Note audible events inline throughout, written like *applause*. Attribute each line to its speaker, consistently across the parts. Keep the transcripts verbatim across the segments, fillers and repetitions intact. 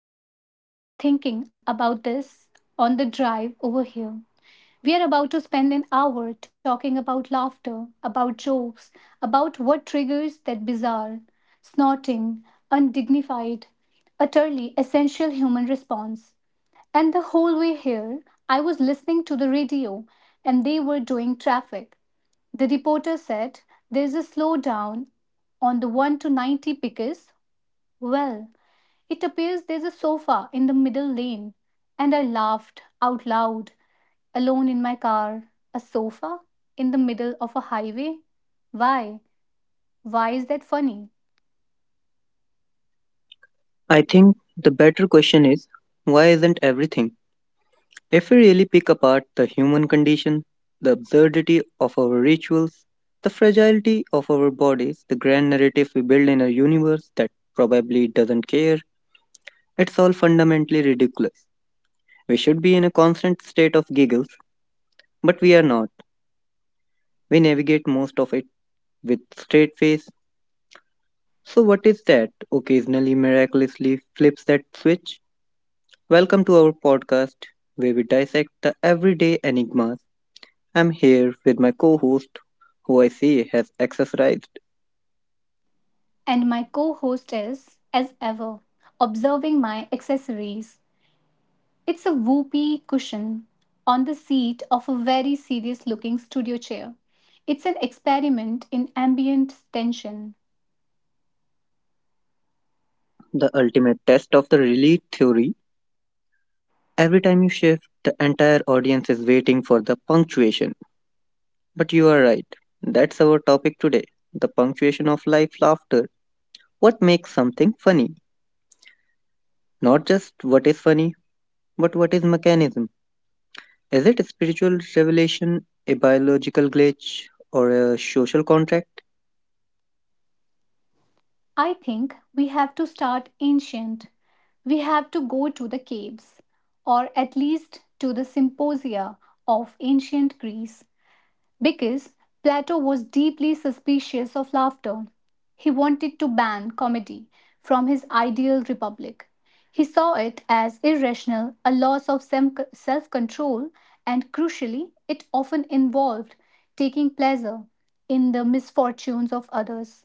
Speaker 1: You know, I was thinking about this on the drive over here. We are about to spend an hour talking about laughter, about jokes, about what triggers that bizarre, snorting, undignified, utterly essential human response. And the whole way here, I was listening to the radio and they were doing traffic. The reporter said, "There's a slowdown on the one to ninety because, well, it appears there's a sofa in the middle lane." And I laughed out loud, alone in my car. A sofa? In the middle of a highway? Why? Why is that funny?
Speaker 2: I think the better question is why isn't everything? If we really pick apart the human condition, the absurdity of our rituals, the fragility of our bodies, the grand narrative we build in a universe that probably doesn't care, it's all fundamentally ridiculous. We should be in a constant state of giggles, but we are not. We navigate most of it with straight face. So, what is that occasionally miraculously flips that switch? Welcome to our podcast where we dissect the everyday enigmas. I'm here with my co host, who I see has exercised
Speaker 1: And my co host is, as ever, observing my accessories. It's a whoopee cushion on the seat of a very serious looking studio chair. It's an experiment in ambient tension.
Speaker 2: the ultimate test of the relief theory. Every time you shift, the entire audience is waiting for the punctuation. But you are right, that's our topic today the punctuation of life laughter. What makes something funny? Not just what is funny, but what is mechanism? Is it a spiritual revelation, a biological glitch, or a social contract?
Speaker 1: I think we have to start ancient. We have to go to the caves, or at least to the symposia of ancient Greece, because Plato was deeply suspicious of laughter. He wanted to ban comedy from his ideal republic. He saw it as irrational, a loss of self control, and crucially, it often involved taking pleasure in the misfortunes of others.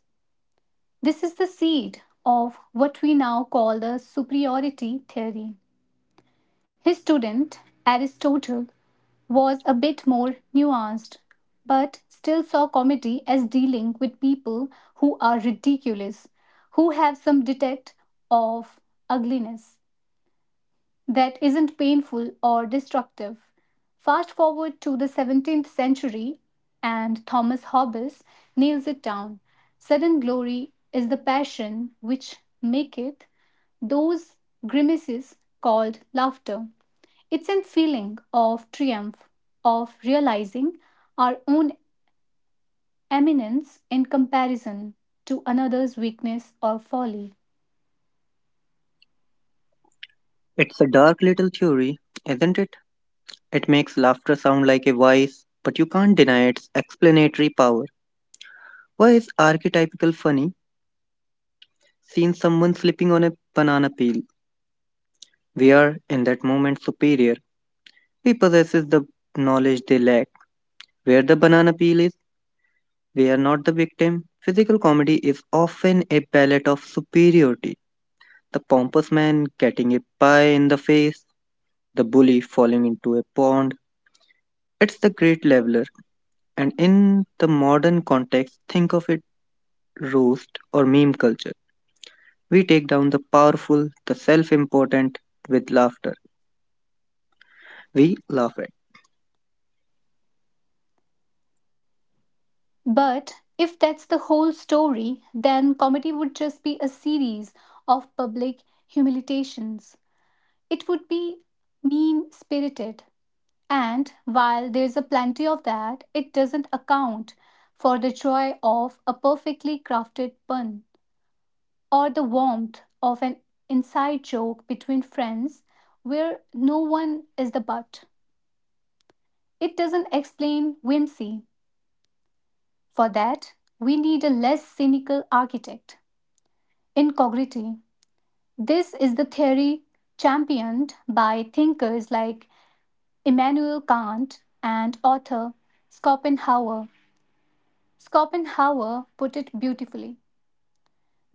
Speaker 1: This is the seed of what we now call the superiority theory. His student, Aristotle, was a bit more nuanced, but still saw comedy as dealing with people who are ridiculous, who have some detect of ugliness that isn't painful or destructive. Fast forward to the seventeenth century, and Thomas Hobbes nails it down. Sudden glory is the passion which maketh those grimaces called laughter. It's a feeling of triumph, of realizing our own eminence in comparison to another's weakness or folly.
Speaker 2: It's a dark little theory, isn't it? It makes laughter sound like a vice, but you can't deny its explanatory power. Why is archetypical funny? Seen someone slipping on a banana peel. We are, in that moment, superior. We possess the knowledge they lack. Where the banana peel is, we are not the victim. Physical comedy is often a palette of superiority. The pompous man getting a pie in the face, the bully falling into a pond. It's the great leveler. And in the modern context, think of it roast or meme culture. We take down the powerful, the self important with laughter. We laugh at.
Speaker 1: But if that's the whole story, then comedy would just be a series of public humiliations. It would be mean spirited. And while there's a plenty of that, it doesn't account for the joy of a perfectly crafted pun or the warmth of an inside joke between friends where no one is the butt. It doesn't explain whimsy. For that, we need a less cynical architect, Incognity. This is the theory championed by thinkers like Immanuel Kant and author Schopenhauer. Schopenhauer put it beautifully.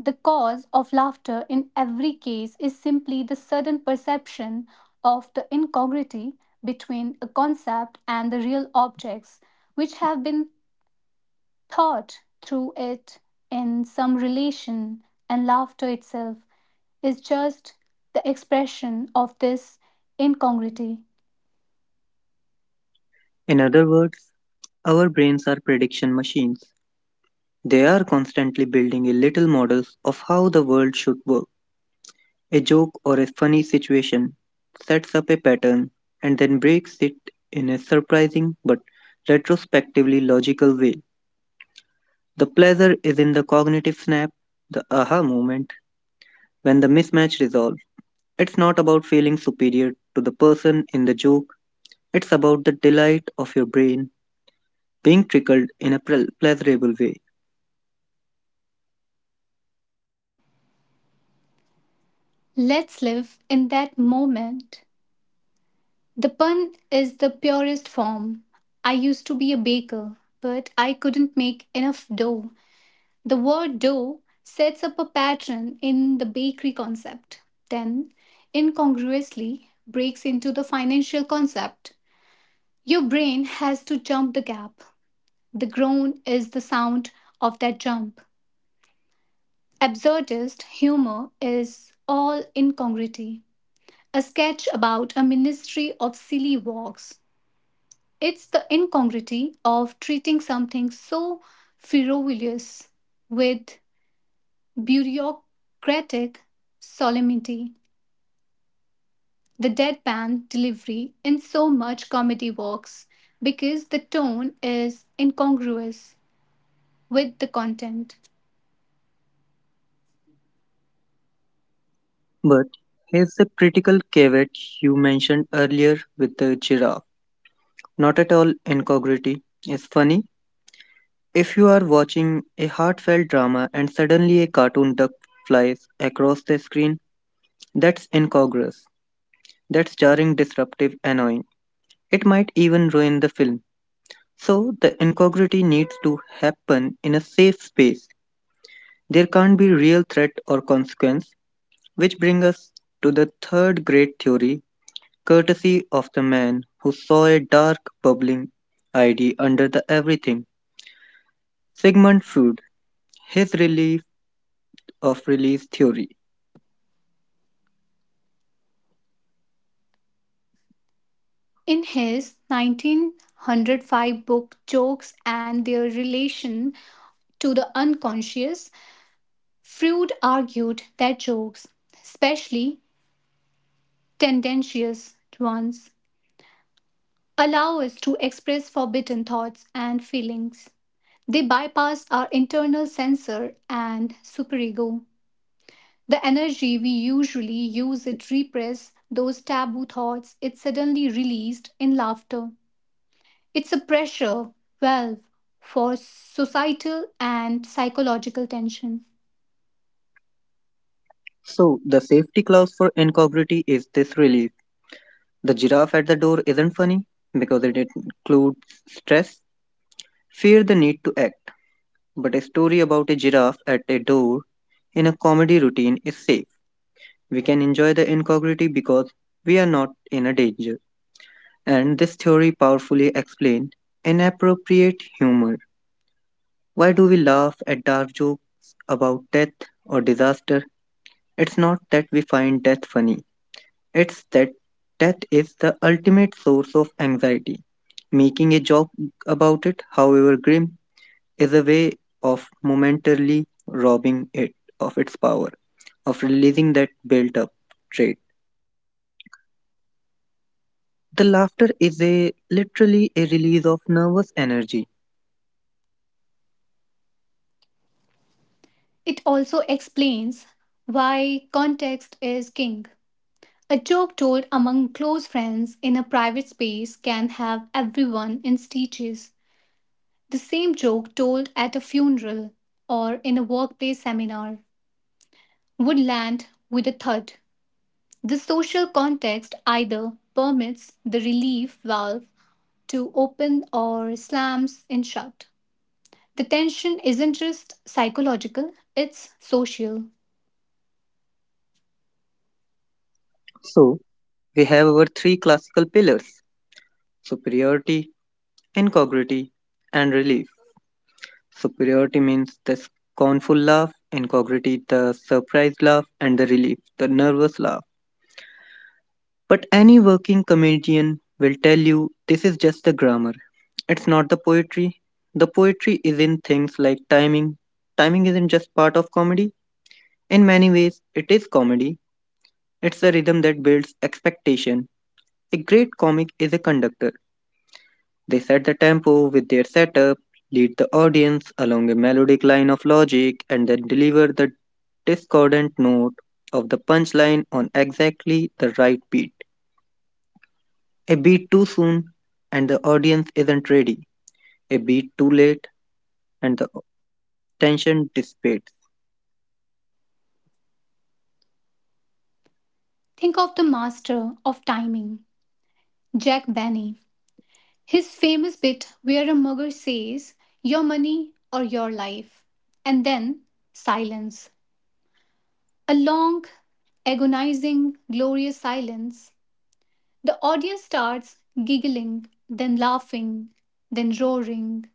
Speaker 1: The cause of laughter in every case is simply the sudden perception of the incongruity between a concept and the real objects which have been thought through it in some relation, and laughter itself is just the expression of this incongruity.
Speaker 2: In other words, our brains are prediction machines. They are constantly building a little models of how the world should work. A joke or a funny situation sets up a pattern and then breaks it in a surprising but retrospectively logical way. The pleasure is in the cognitive snap, the aha moment. When the mismatch resolves, it's not about feeling superior to the person in the joke, it's about the delight of your brain being trickled in a ple- pleasurable way.
Speaker 1: Let's live in that moment. The pun is the purest form. I used to be a baker, but I couldn't make enough dough. The word dough sets up a pattern in the bakery concept, then incongruously breaks into the financial concept. Your brain has to jump the gap. The groan is the sound of that jump. Absurdist humor is all incongruity. A sketch about a ministry of silly walks. It's the incongruity of treating something so frivolous with bureaucratic solemnity. The deadpan delivery in so much comedy works because the tone is incongruous with the content.
Speaker 2: But here's the critical caveat you mentioned earlier with the giraffe. Not at all incongruity is funny. If you are watching a heartfelt drama and suddenly a cartoon duck flies across the screen, that's incongruous. That's jarring, disruptive, annoying. It might even ruin the film. So the integrity needs to happen in a safe space. There can't be real threat or consequence, which brings us to the third great theory, courtesy of the man who saw a dark bubbling idea under the everything, Sigmund Freud, his relief of release theory.
Speaker 1: In his nineteen oh five book Jokes and Their Relation to the Unconscious, Freud argued that jokes, especially tendentious ones, allow us to express forbidden thoughts and feelings. They bypass our internal censor and superego. The energy we usually use to repress those taboo thoughts it suddenly released in laughter. It's a pressure valve for societal and psychological tension.
Speaker 2: So the safety clause for integrity is this relief. The giraffe at the door isn't funny because it includes stress, fear the need to act, but a story about a giraffe at a door in a comedy routine is safe. We can enjoy the incongruity because we are not in a danger. And this theory powerfully explains inappropriate humor. Why do we laugh at dark jokes about death or disaster? It's not that we find death funny, it's that death is the ultimate source of anxiety. Making a joke about it, however grim, is a way of momentarily robbing it of its power, of releasing that built up trait. The laughter is a literally a release of nervous energy.
Speaker 1: It also explains why context is king. A joke told among close friends in a private space can have everyone in stitches. The same joke told at a funeral or in a workplace seminar would land with a thud. The social context either permits the relief valve to open or slams it shut. The tension isn't just psychological, it's social.
Speaker 2: So we have our three classical pillars: superiority, incongruity, and relief. Superiority means the scornful laugh, incongruity the surprised laugh, and the relief the nervous laugh. But any working comedian will tell you this is just the grammar. It's not the poetry. The poetry is in things like timing. Timing isn't just part of comedy. In many ways, it is comedy. It's a rhythm that builds expectation. A great comic is a conductor. They set the tempo with their setup, lead the audience along a melodic line of logic, and then deliver the discordant note of the punchline on exactly the right beat. A beat too soon, and the audience isn't ready. A beat too late, and the tension dissipates.
Speaker 1: Think of the master of timing, Jack Benny. His famous bit where a mugger says, "Your money or your life." And then silence. A long, agonizing, glorious silence. The audience starts giggling, then laughing, then roaring.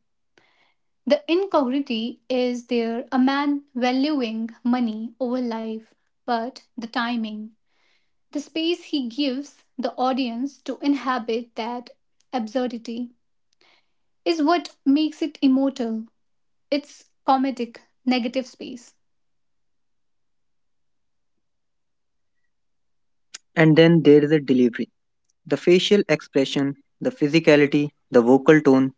Speaker 1: The incongruity is there, a man valuing money over life, but the timing. The space he gives the audience to inhabit that absurdity is what makes it immortal, its comedic negative space.
Speaker 2: And then there is a delivery the facial expression, the physicality, the vocal tone,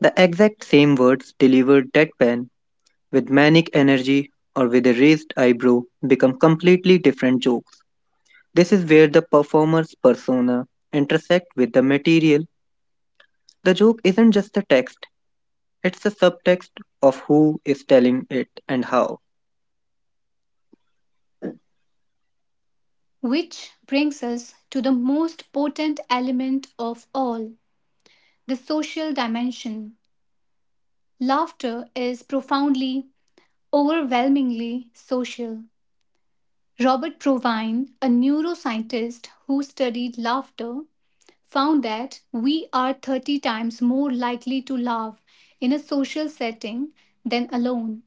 Speaker 2: the exact same words delivered deadpan with manic energy or with a raised eyebrow become completely different jokes. This is where the performer's persona intersect with the material. The joke isn't just the text, it's the subtext of who is telling it and how.
Speaker 1: Which brings us to the most potent element of all, the social dimension. Laughter is profoundly, overwhelmingly social. Robert Provine, a neuroscientist who studied laughter, found that we are thirty times more likely to laugh in a social setting than alone.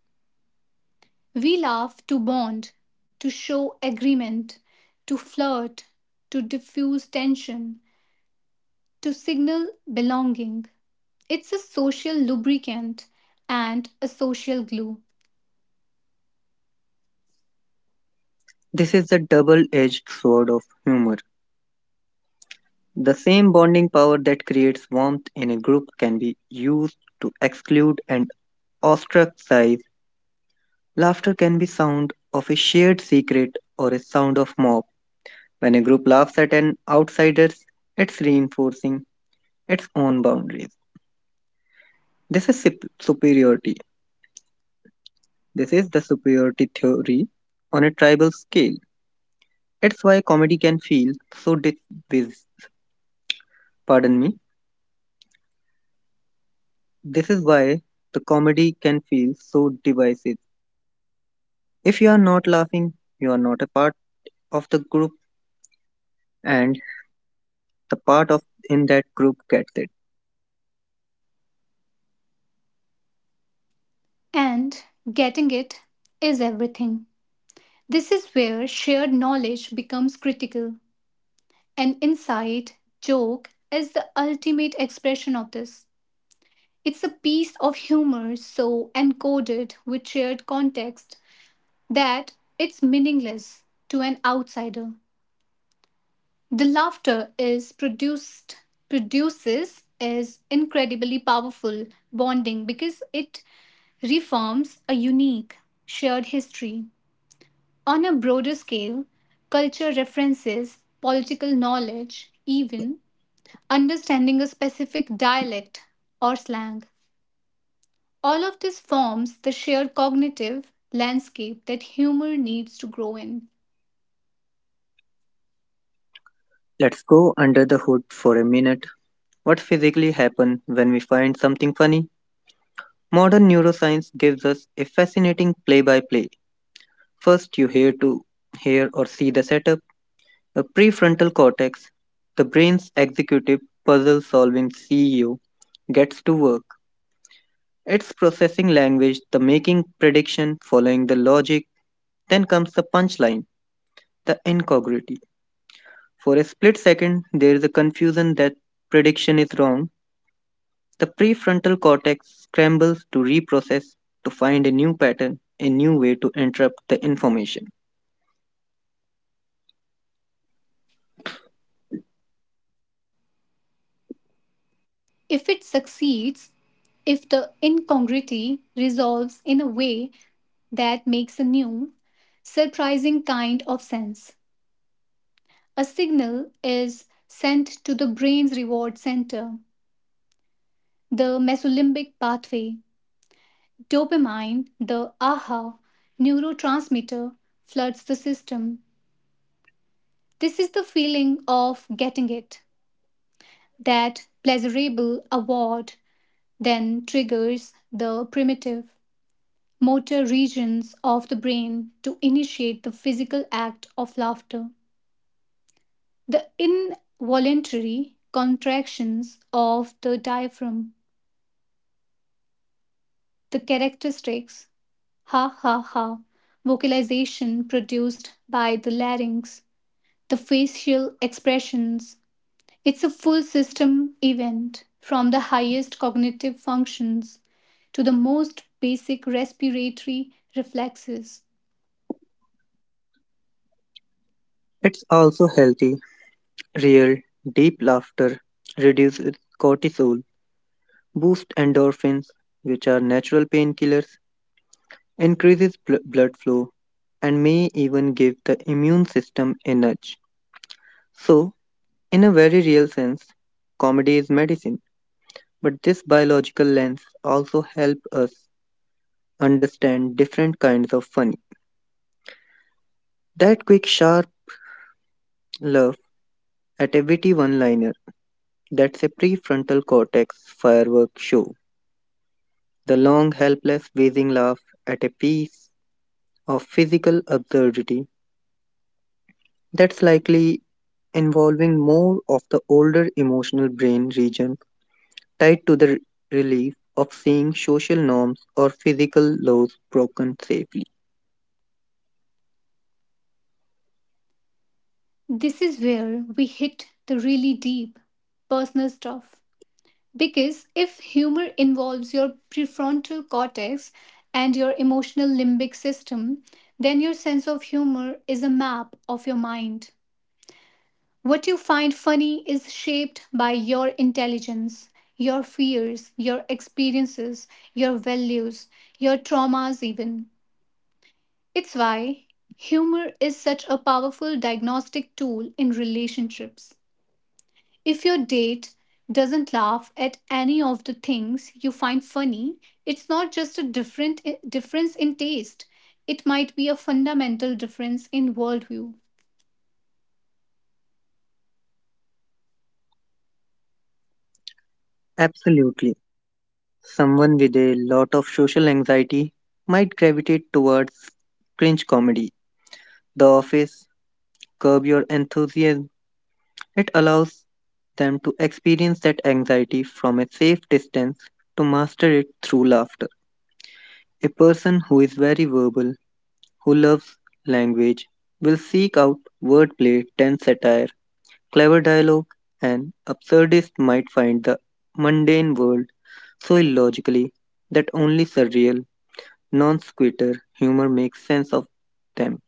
Speaker 1: We laugh to bond, to show agreement, to flirt, to diffuse tension, to signal belonging. It's a social lubricant and a social glue,
Speaker 2: This is the double-edged sword of humor. The same bonding power that creates warmth in a group can be used to exclude and ostracize. Laughter can be sound of a shared secret or a sound of mob. When a group laughs at an outsider, it's reinforcing its own boundaries. This is superiority. This is the superiority theory on a tribal scale. It's why comedy can feel so divisive. Pardon me. This is why the comedy can feel so divisive. If you are not laughing, you are not a part of the group, and the part of in that group gets it.
Speaker 1: and getting it is everything. This is where shared knowledge becomes critical. An inside joke is the ultimate expression of this. It's a piece of humor so encoded with shared context that it's meaningless to an outsider. The laughter is produced produces is incredibly powerful bonding because it reforms a unique shared history. On a broader scale, culture references, political knowledge, even understanding a specific dialect or slang. All of this forms the shared cognitive landscape that humor needs to grow in.
Speaker 2: Let's go under the hood for a minute. What physically happens when we find something funny? Modern neuroscience gives us a fascinating play-by-play. First, you hear to hear or see the setup. The prefrontal cortex, the brain's executive puzzle-solving C E O, gets to work. It's processing language, the making prediction, following the logic. Then comes the punchline. The incongruity. For a split second, there is a confusion that prediction is wrong. The prefrontal cortex scrambles to reprocess to find a new pattern, a new way to interrupt the information.
Speaker 1: If it succeeds, if the incongruity resolves in a way that makes a new, surprising kind of sense, a signal is sent to the brain's reward center, the mesolimbic pathway. Dopamine, the aha neurotransmitter, floods the system. This is the feeling of getting it. That pleasurable award then triggers the primitive motor regions of the brain to initiate the physical act of laughter. The involuntary contractions of the diaphragm, the characteristics ha ha ha vocalization produced by the larynx, the facial expressions. It's a full system event, from the highest cognitive functions to the most basic respiratory reflexes.
Speaker 2: It's also healthy, real, deep laughter reduces cortisol, boosts endorphins, which are natural painkillers, increases bl- blood flow, and may even give the immune system a nudge. So, in a very real sense, comedy is medicine. But this biological lens also helps us understand different kinds of funny. That quick, sharp laugh at a witty one liner, that's a prefrontal cortex firework show. The long, helpless, wheezing laugh at a piece of physical absurdity, that's likely involving more of the older emotional brain region tied to the relief of seeing social norms or physical laws broken safely.
Speaker 1: This is where we hit the really deep, personal stuff. Because if humor involves your prefrontal cortex and your emotional limbic system, then your sense of humor is a map of your mind. What you find funny is shaped by your intelligence, your fears, your experiences, your values, your traumas, even. It's why humor is such a powerful diagnostic tool in relationships. If your date doesn't laugh at any of the things you find funny, it's not just a different difference in taste. It might be a fundamental difference in worldview.
Speaker 2: Absolutely. Someone with a lot of social anxiety might gravitate towards cringe comedy. The Office, Curb Your Enthusiasm, it allows them to experience that anxiety from a safe distance to master it through laughter. A person who is very verbal, who loves language, will seek out wordplay, tense satire, clever dialogue, and absurdist might find the mundane world so illogically that only surreal non sequitur humor makes sense of them.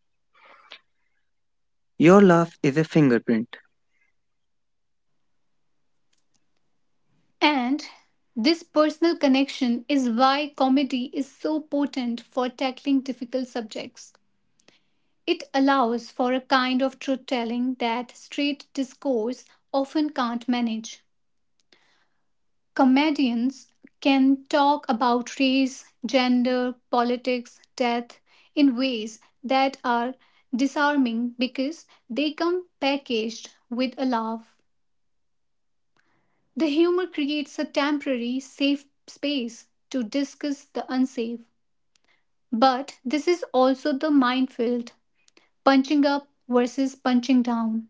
Speaker 2: Your laugh is a fingerprint.
Speaker 1: And this personal connection is why comedy is so potent for tackling difficult subjects. It allows for a kind of truth telling that straight discourse often can't manage. Comedians can talk about race, gender, politics, death in ways that are disarming because they come packaged with a laugh. The humor creates a temporary, safe space to discuss the unsafe. But this is also the minefield, punching up versus punching down.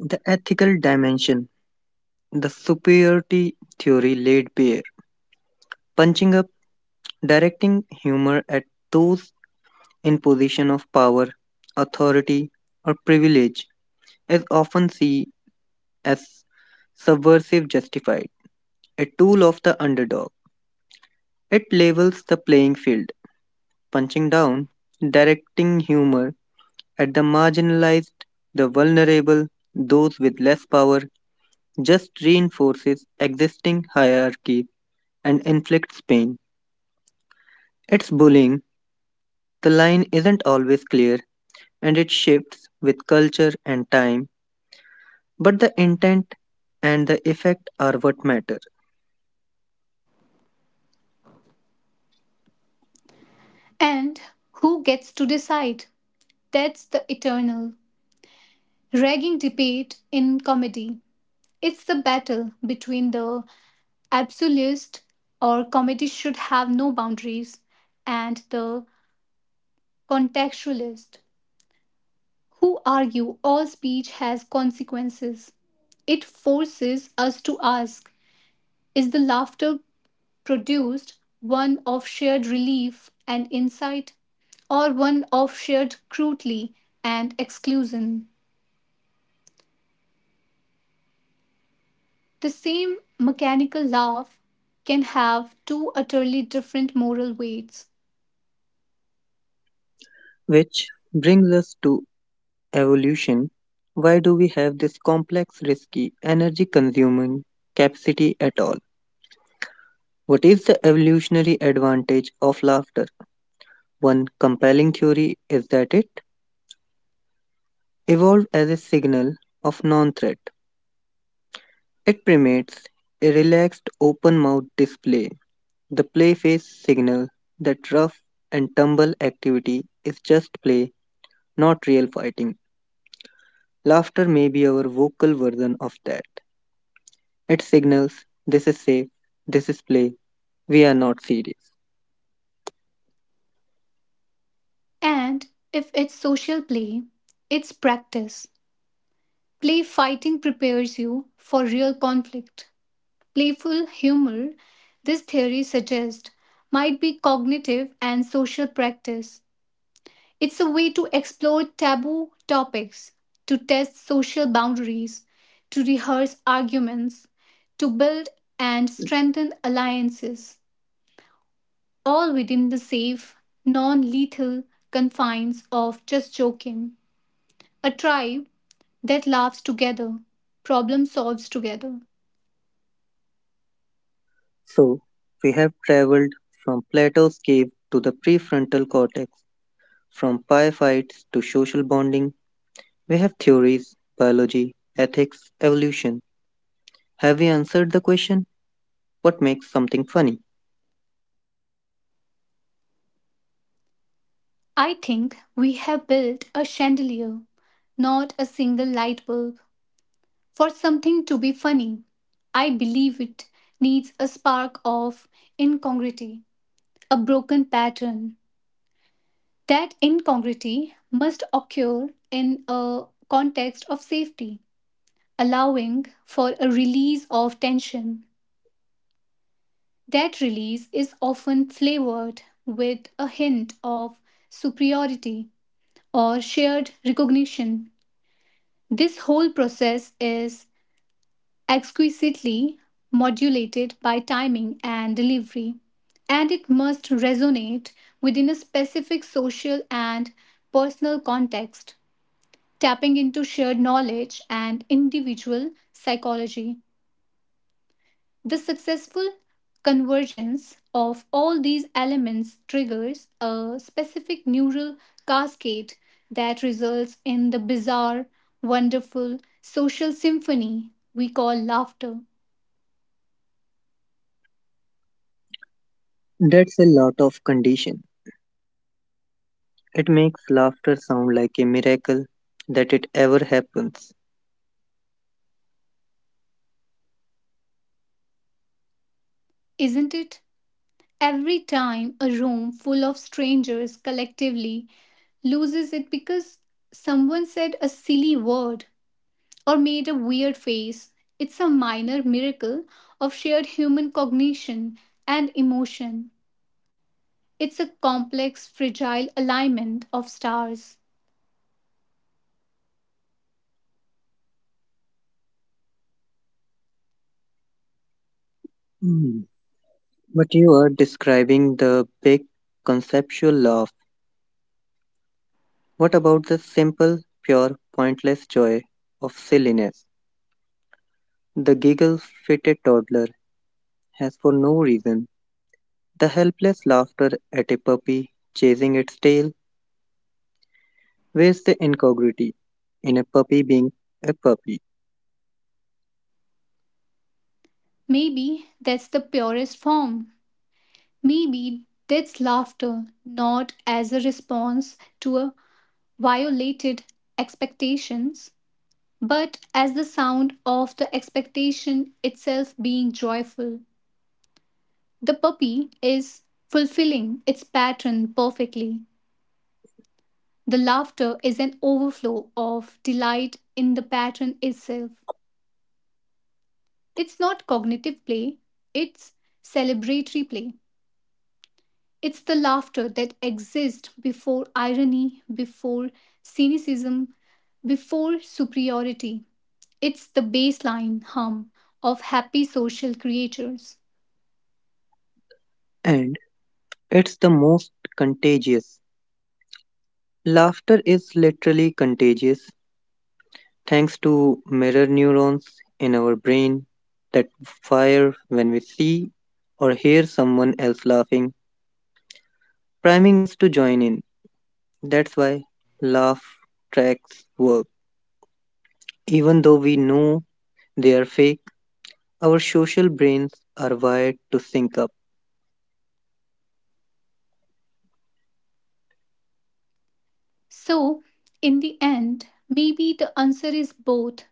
Speaker 2: The ethical dimension, the superiority theory laid bare. Punching up, directing humor at those in position of power, authority, or privilege is often seen as subversive justified, a tool of the underdog. It levels the playing field punching down, directing humor at the marginalized, the vulnerable, those with less power, just reinforces existing hierarchy and inflicts pain. It's bullying. The line isn't always clear and it shifts with culture and time, but the intent and the effect are what matter.
Speaker 1: And who gets to decide? That's the eternal, ragging debate in comedy. It's the battle between the absolutist, or comedy should have no boundaries, and the contextualist, who argue all speech has consequences. It forces us to ask, is the laughter produced one of shared relief and insight, or one of shared cruelty and exclusion? The same mechanical laugh can have two utterly different moral weights.
Speaker 2: Which brings us to evolution. Why do we have this complex, risky, energy consuming capacity at all? What is the evolutionary advantage of laughter? One compelling theory is that it evolved as a signal of non threat. It primates a relaxed open mouth display, the play face signal that rough and tumble activity is just play, not real fighting. Laughter may be our vocal version of that. It signals this is safe, this is play, we are not serious.
Speaker 1: And if it's social play, it's practice. Play fighting prepares you for real conflict. Playful humor, this theory suggests, might be cognitive and social practice. It's a way to explore taboo topics, to test social boundaries, to rehearse arguments, to build and strengthen alliances, all within the safe, non lethal confines of just joking. A tribe that laughs together, problem solves together.
Speaker 2: So, we have traveled from Plato's cave to the prefrontal cortex, from pie fights to social bonding. We have theories, biology, ethics, evolution. Have we answered the question, what makes something funny?
Speaker 1: I think we have built a chandelier, not a single light bulb. For something to be funny, I believe it needs a spark of incongruity, a broken pattern. That incongruity must occur in a context of safety, allowing for a release of tension. That release is often flavored with a hint of superiority or shared recognition. This whole process is exquisitely modulated by timing and delivery, and it must resonate within a specific social and personal context, tapping into shared knowledge and individual psychology. The successful convergence of all these elements triggers a specific neural cascade that results in the bizarre, wonderful social symphony we call laughter.
Speaker 2: That's a lot of condition. It makes laughter sound like a miracle that it ever happens.
Speaker 1: Isn't it? Every time a room full of strangers collectively loses it because someone said a silly word or made a weird face, it's a minor miracle of shared human cognition and emotion. It's a complex, fragile alignment of stars.
Speaker 2: Hmm, But you are describing the big conceptual laugh. What about the simple, pure, pointless joy of silliness? The giggle fit a toddler has for no reason. The helpless laughter at a puppy chasing its tail. Where's the incongruity in a puppy being a puppy?
Speaker 1: Maybe that's the purest form. Maybe that's laughter, not as a response to a violated expectations, but as the sound of the expectation itself being joyful. The puppy is fulfilling its pattern perfectly. The laughter is an overflow of delight in the pattern itself. It's not cognitive play, it's celebratory play. It's the laughter that exists before irony, before cynicism, before superiority. It's the baseline hum of happy social creatures.
Speaker 2: And it's the most contagious. Laughter is literally contagious thanks to mirror neurons in our brain that fire when we see or hear someone else laughing, priming us to join in. That's why laugh tracks work. Even though we know they are fake, our social brains are wired to sync up.
Speaker 1: So, in the end, maybe the answer is both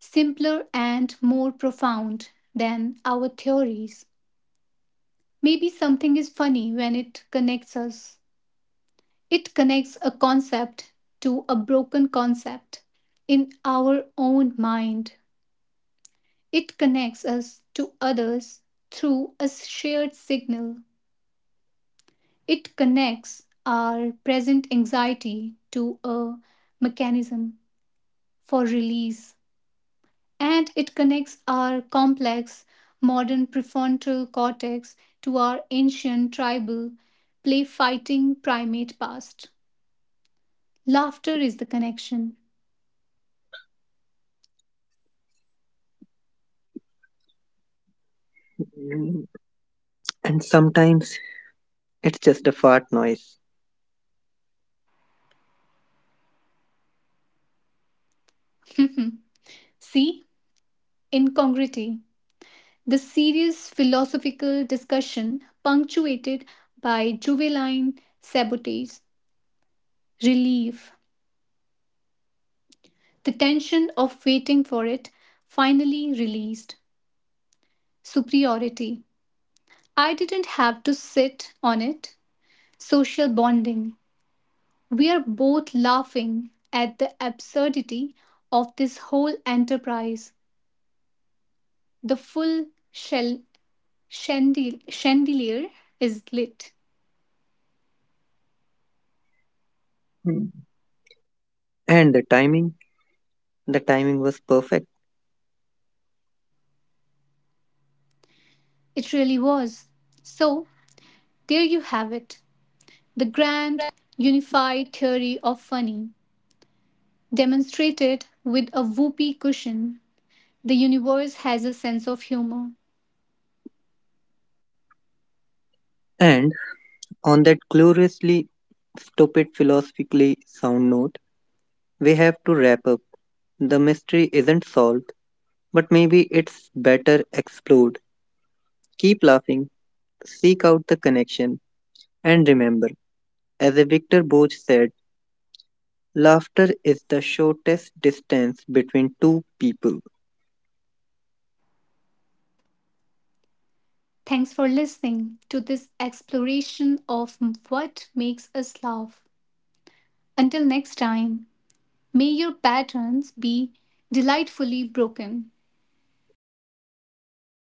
Speaker 1: simpler and more profound than our theories. Maybe something is funny when it connects us. It connects a concept to a broken concept in our own mind. It connects us to others through a shared signal. It connects our present anxiety to a mechanism for release. And it connects our complex modern prefrontal cortex to our ancient tribal play fighting primate past. Laughter is the connection.
Speaker 2: And sometimes it's just a fart noise.
Speaker 1: *laughs* See? Incongruity. The serious philosophical discussion punctuated by juvenile sabotage, relief, the tension of waiting for it finally released, superiority. I didn't have to sit on it, social bonding. We are both laughing at the absurdity of this whole enterprise. The full shell chandel- chandelier is lit.
Speaker 2: Hmm. And the timing, the timing was perfect.
Speaker 1: It really was. So, there you have it, the grand, unified theory of funny, demonstrated with a whoopee cushion. The universe has a sense of humor.
Speaker 2: And on that gloriously stupid philosophically sound note, we have to wrap up. The mystery isn't solved, but maybe it's better explored. Keep laughing, Seek out the connection. And remember, as Victor Boch said, laughter is the shortest distance between two people.
Speaker 1: Thanks for listening to this exploration of what makes us laugh. Until next time, may your patterns be delightfully broken.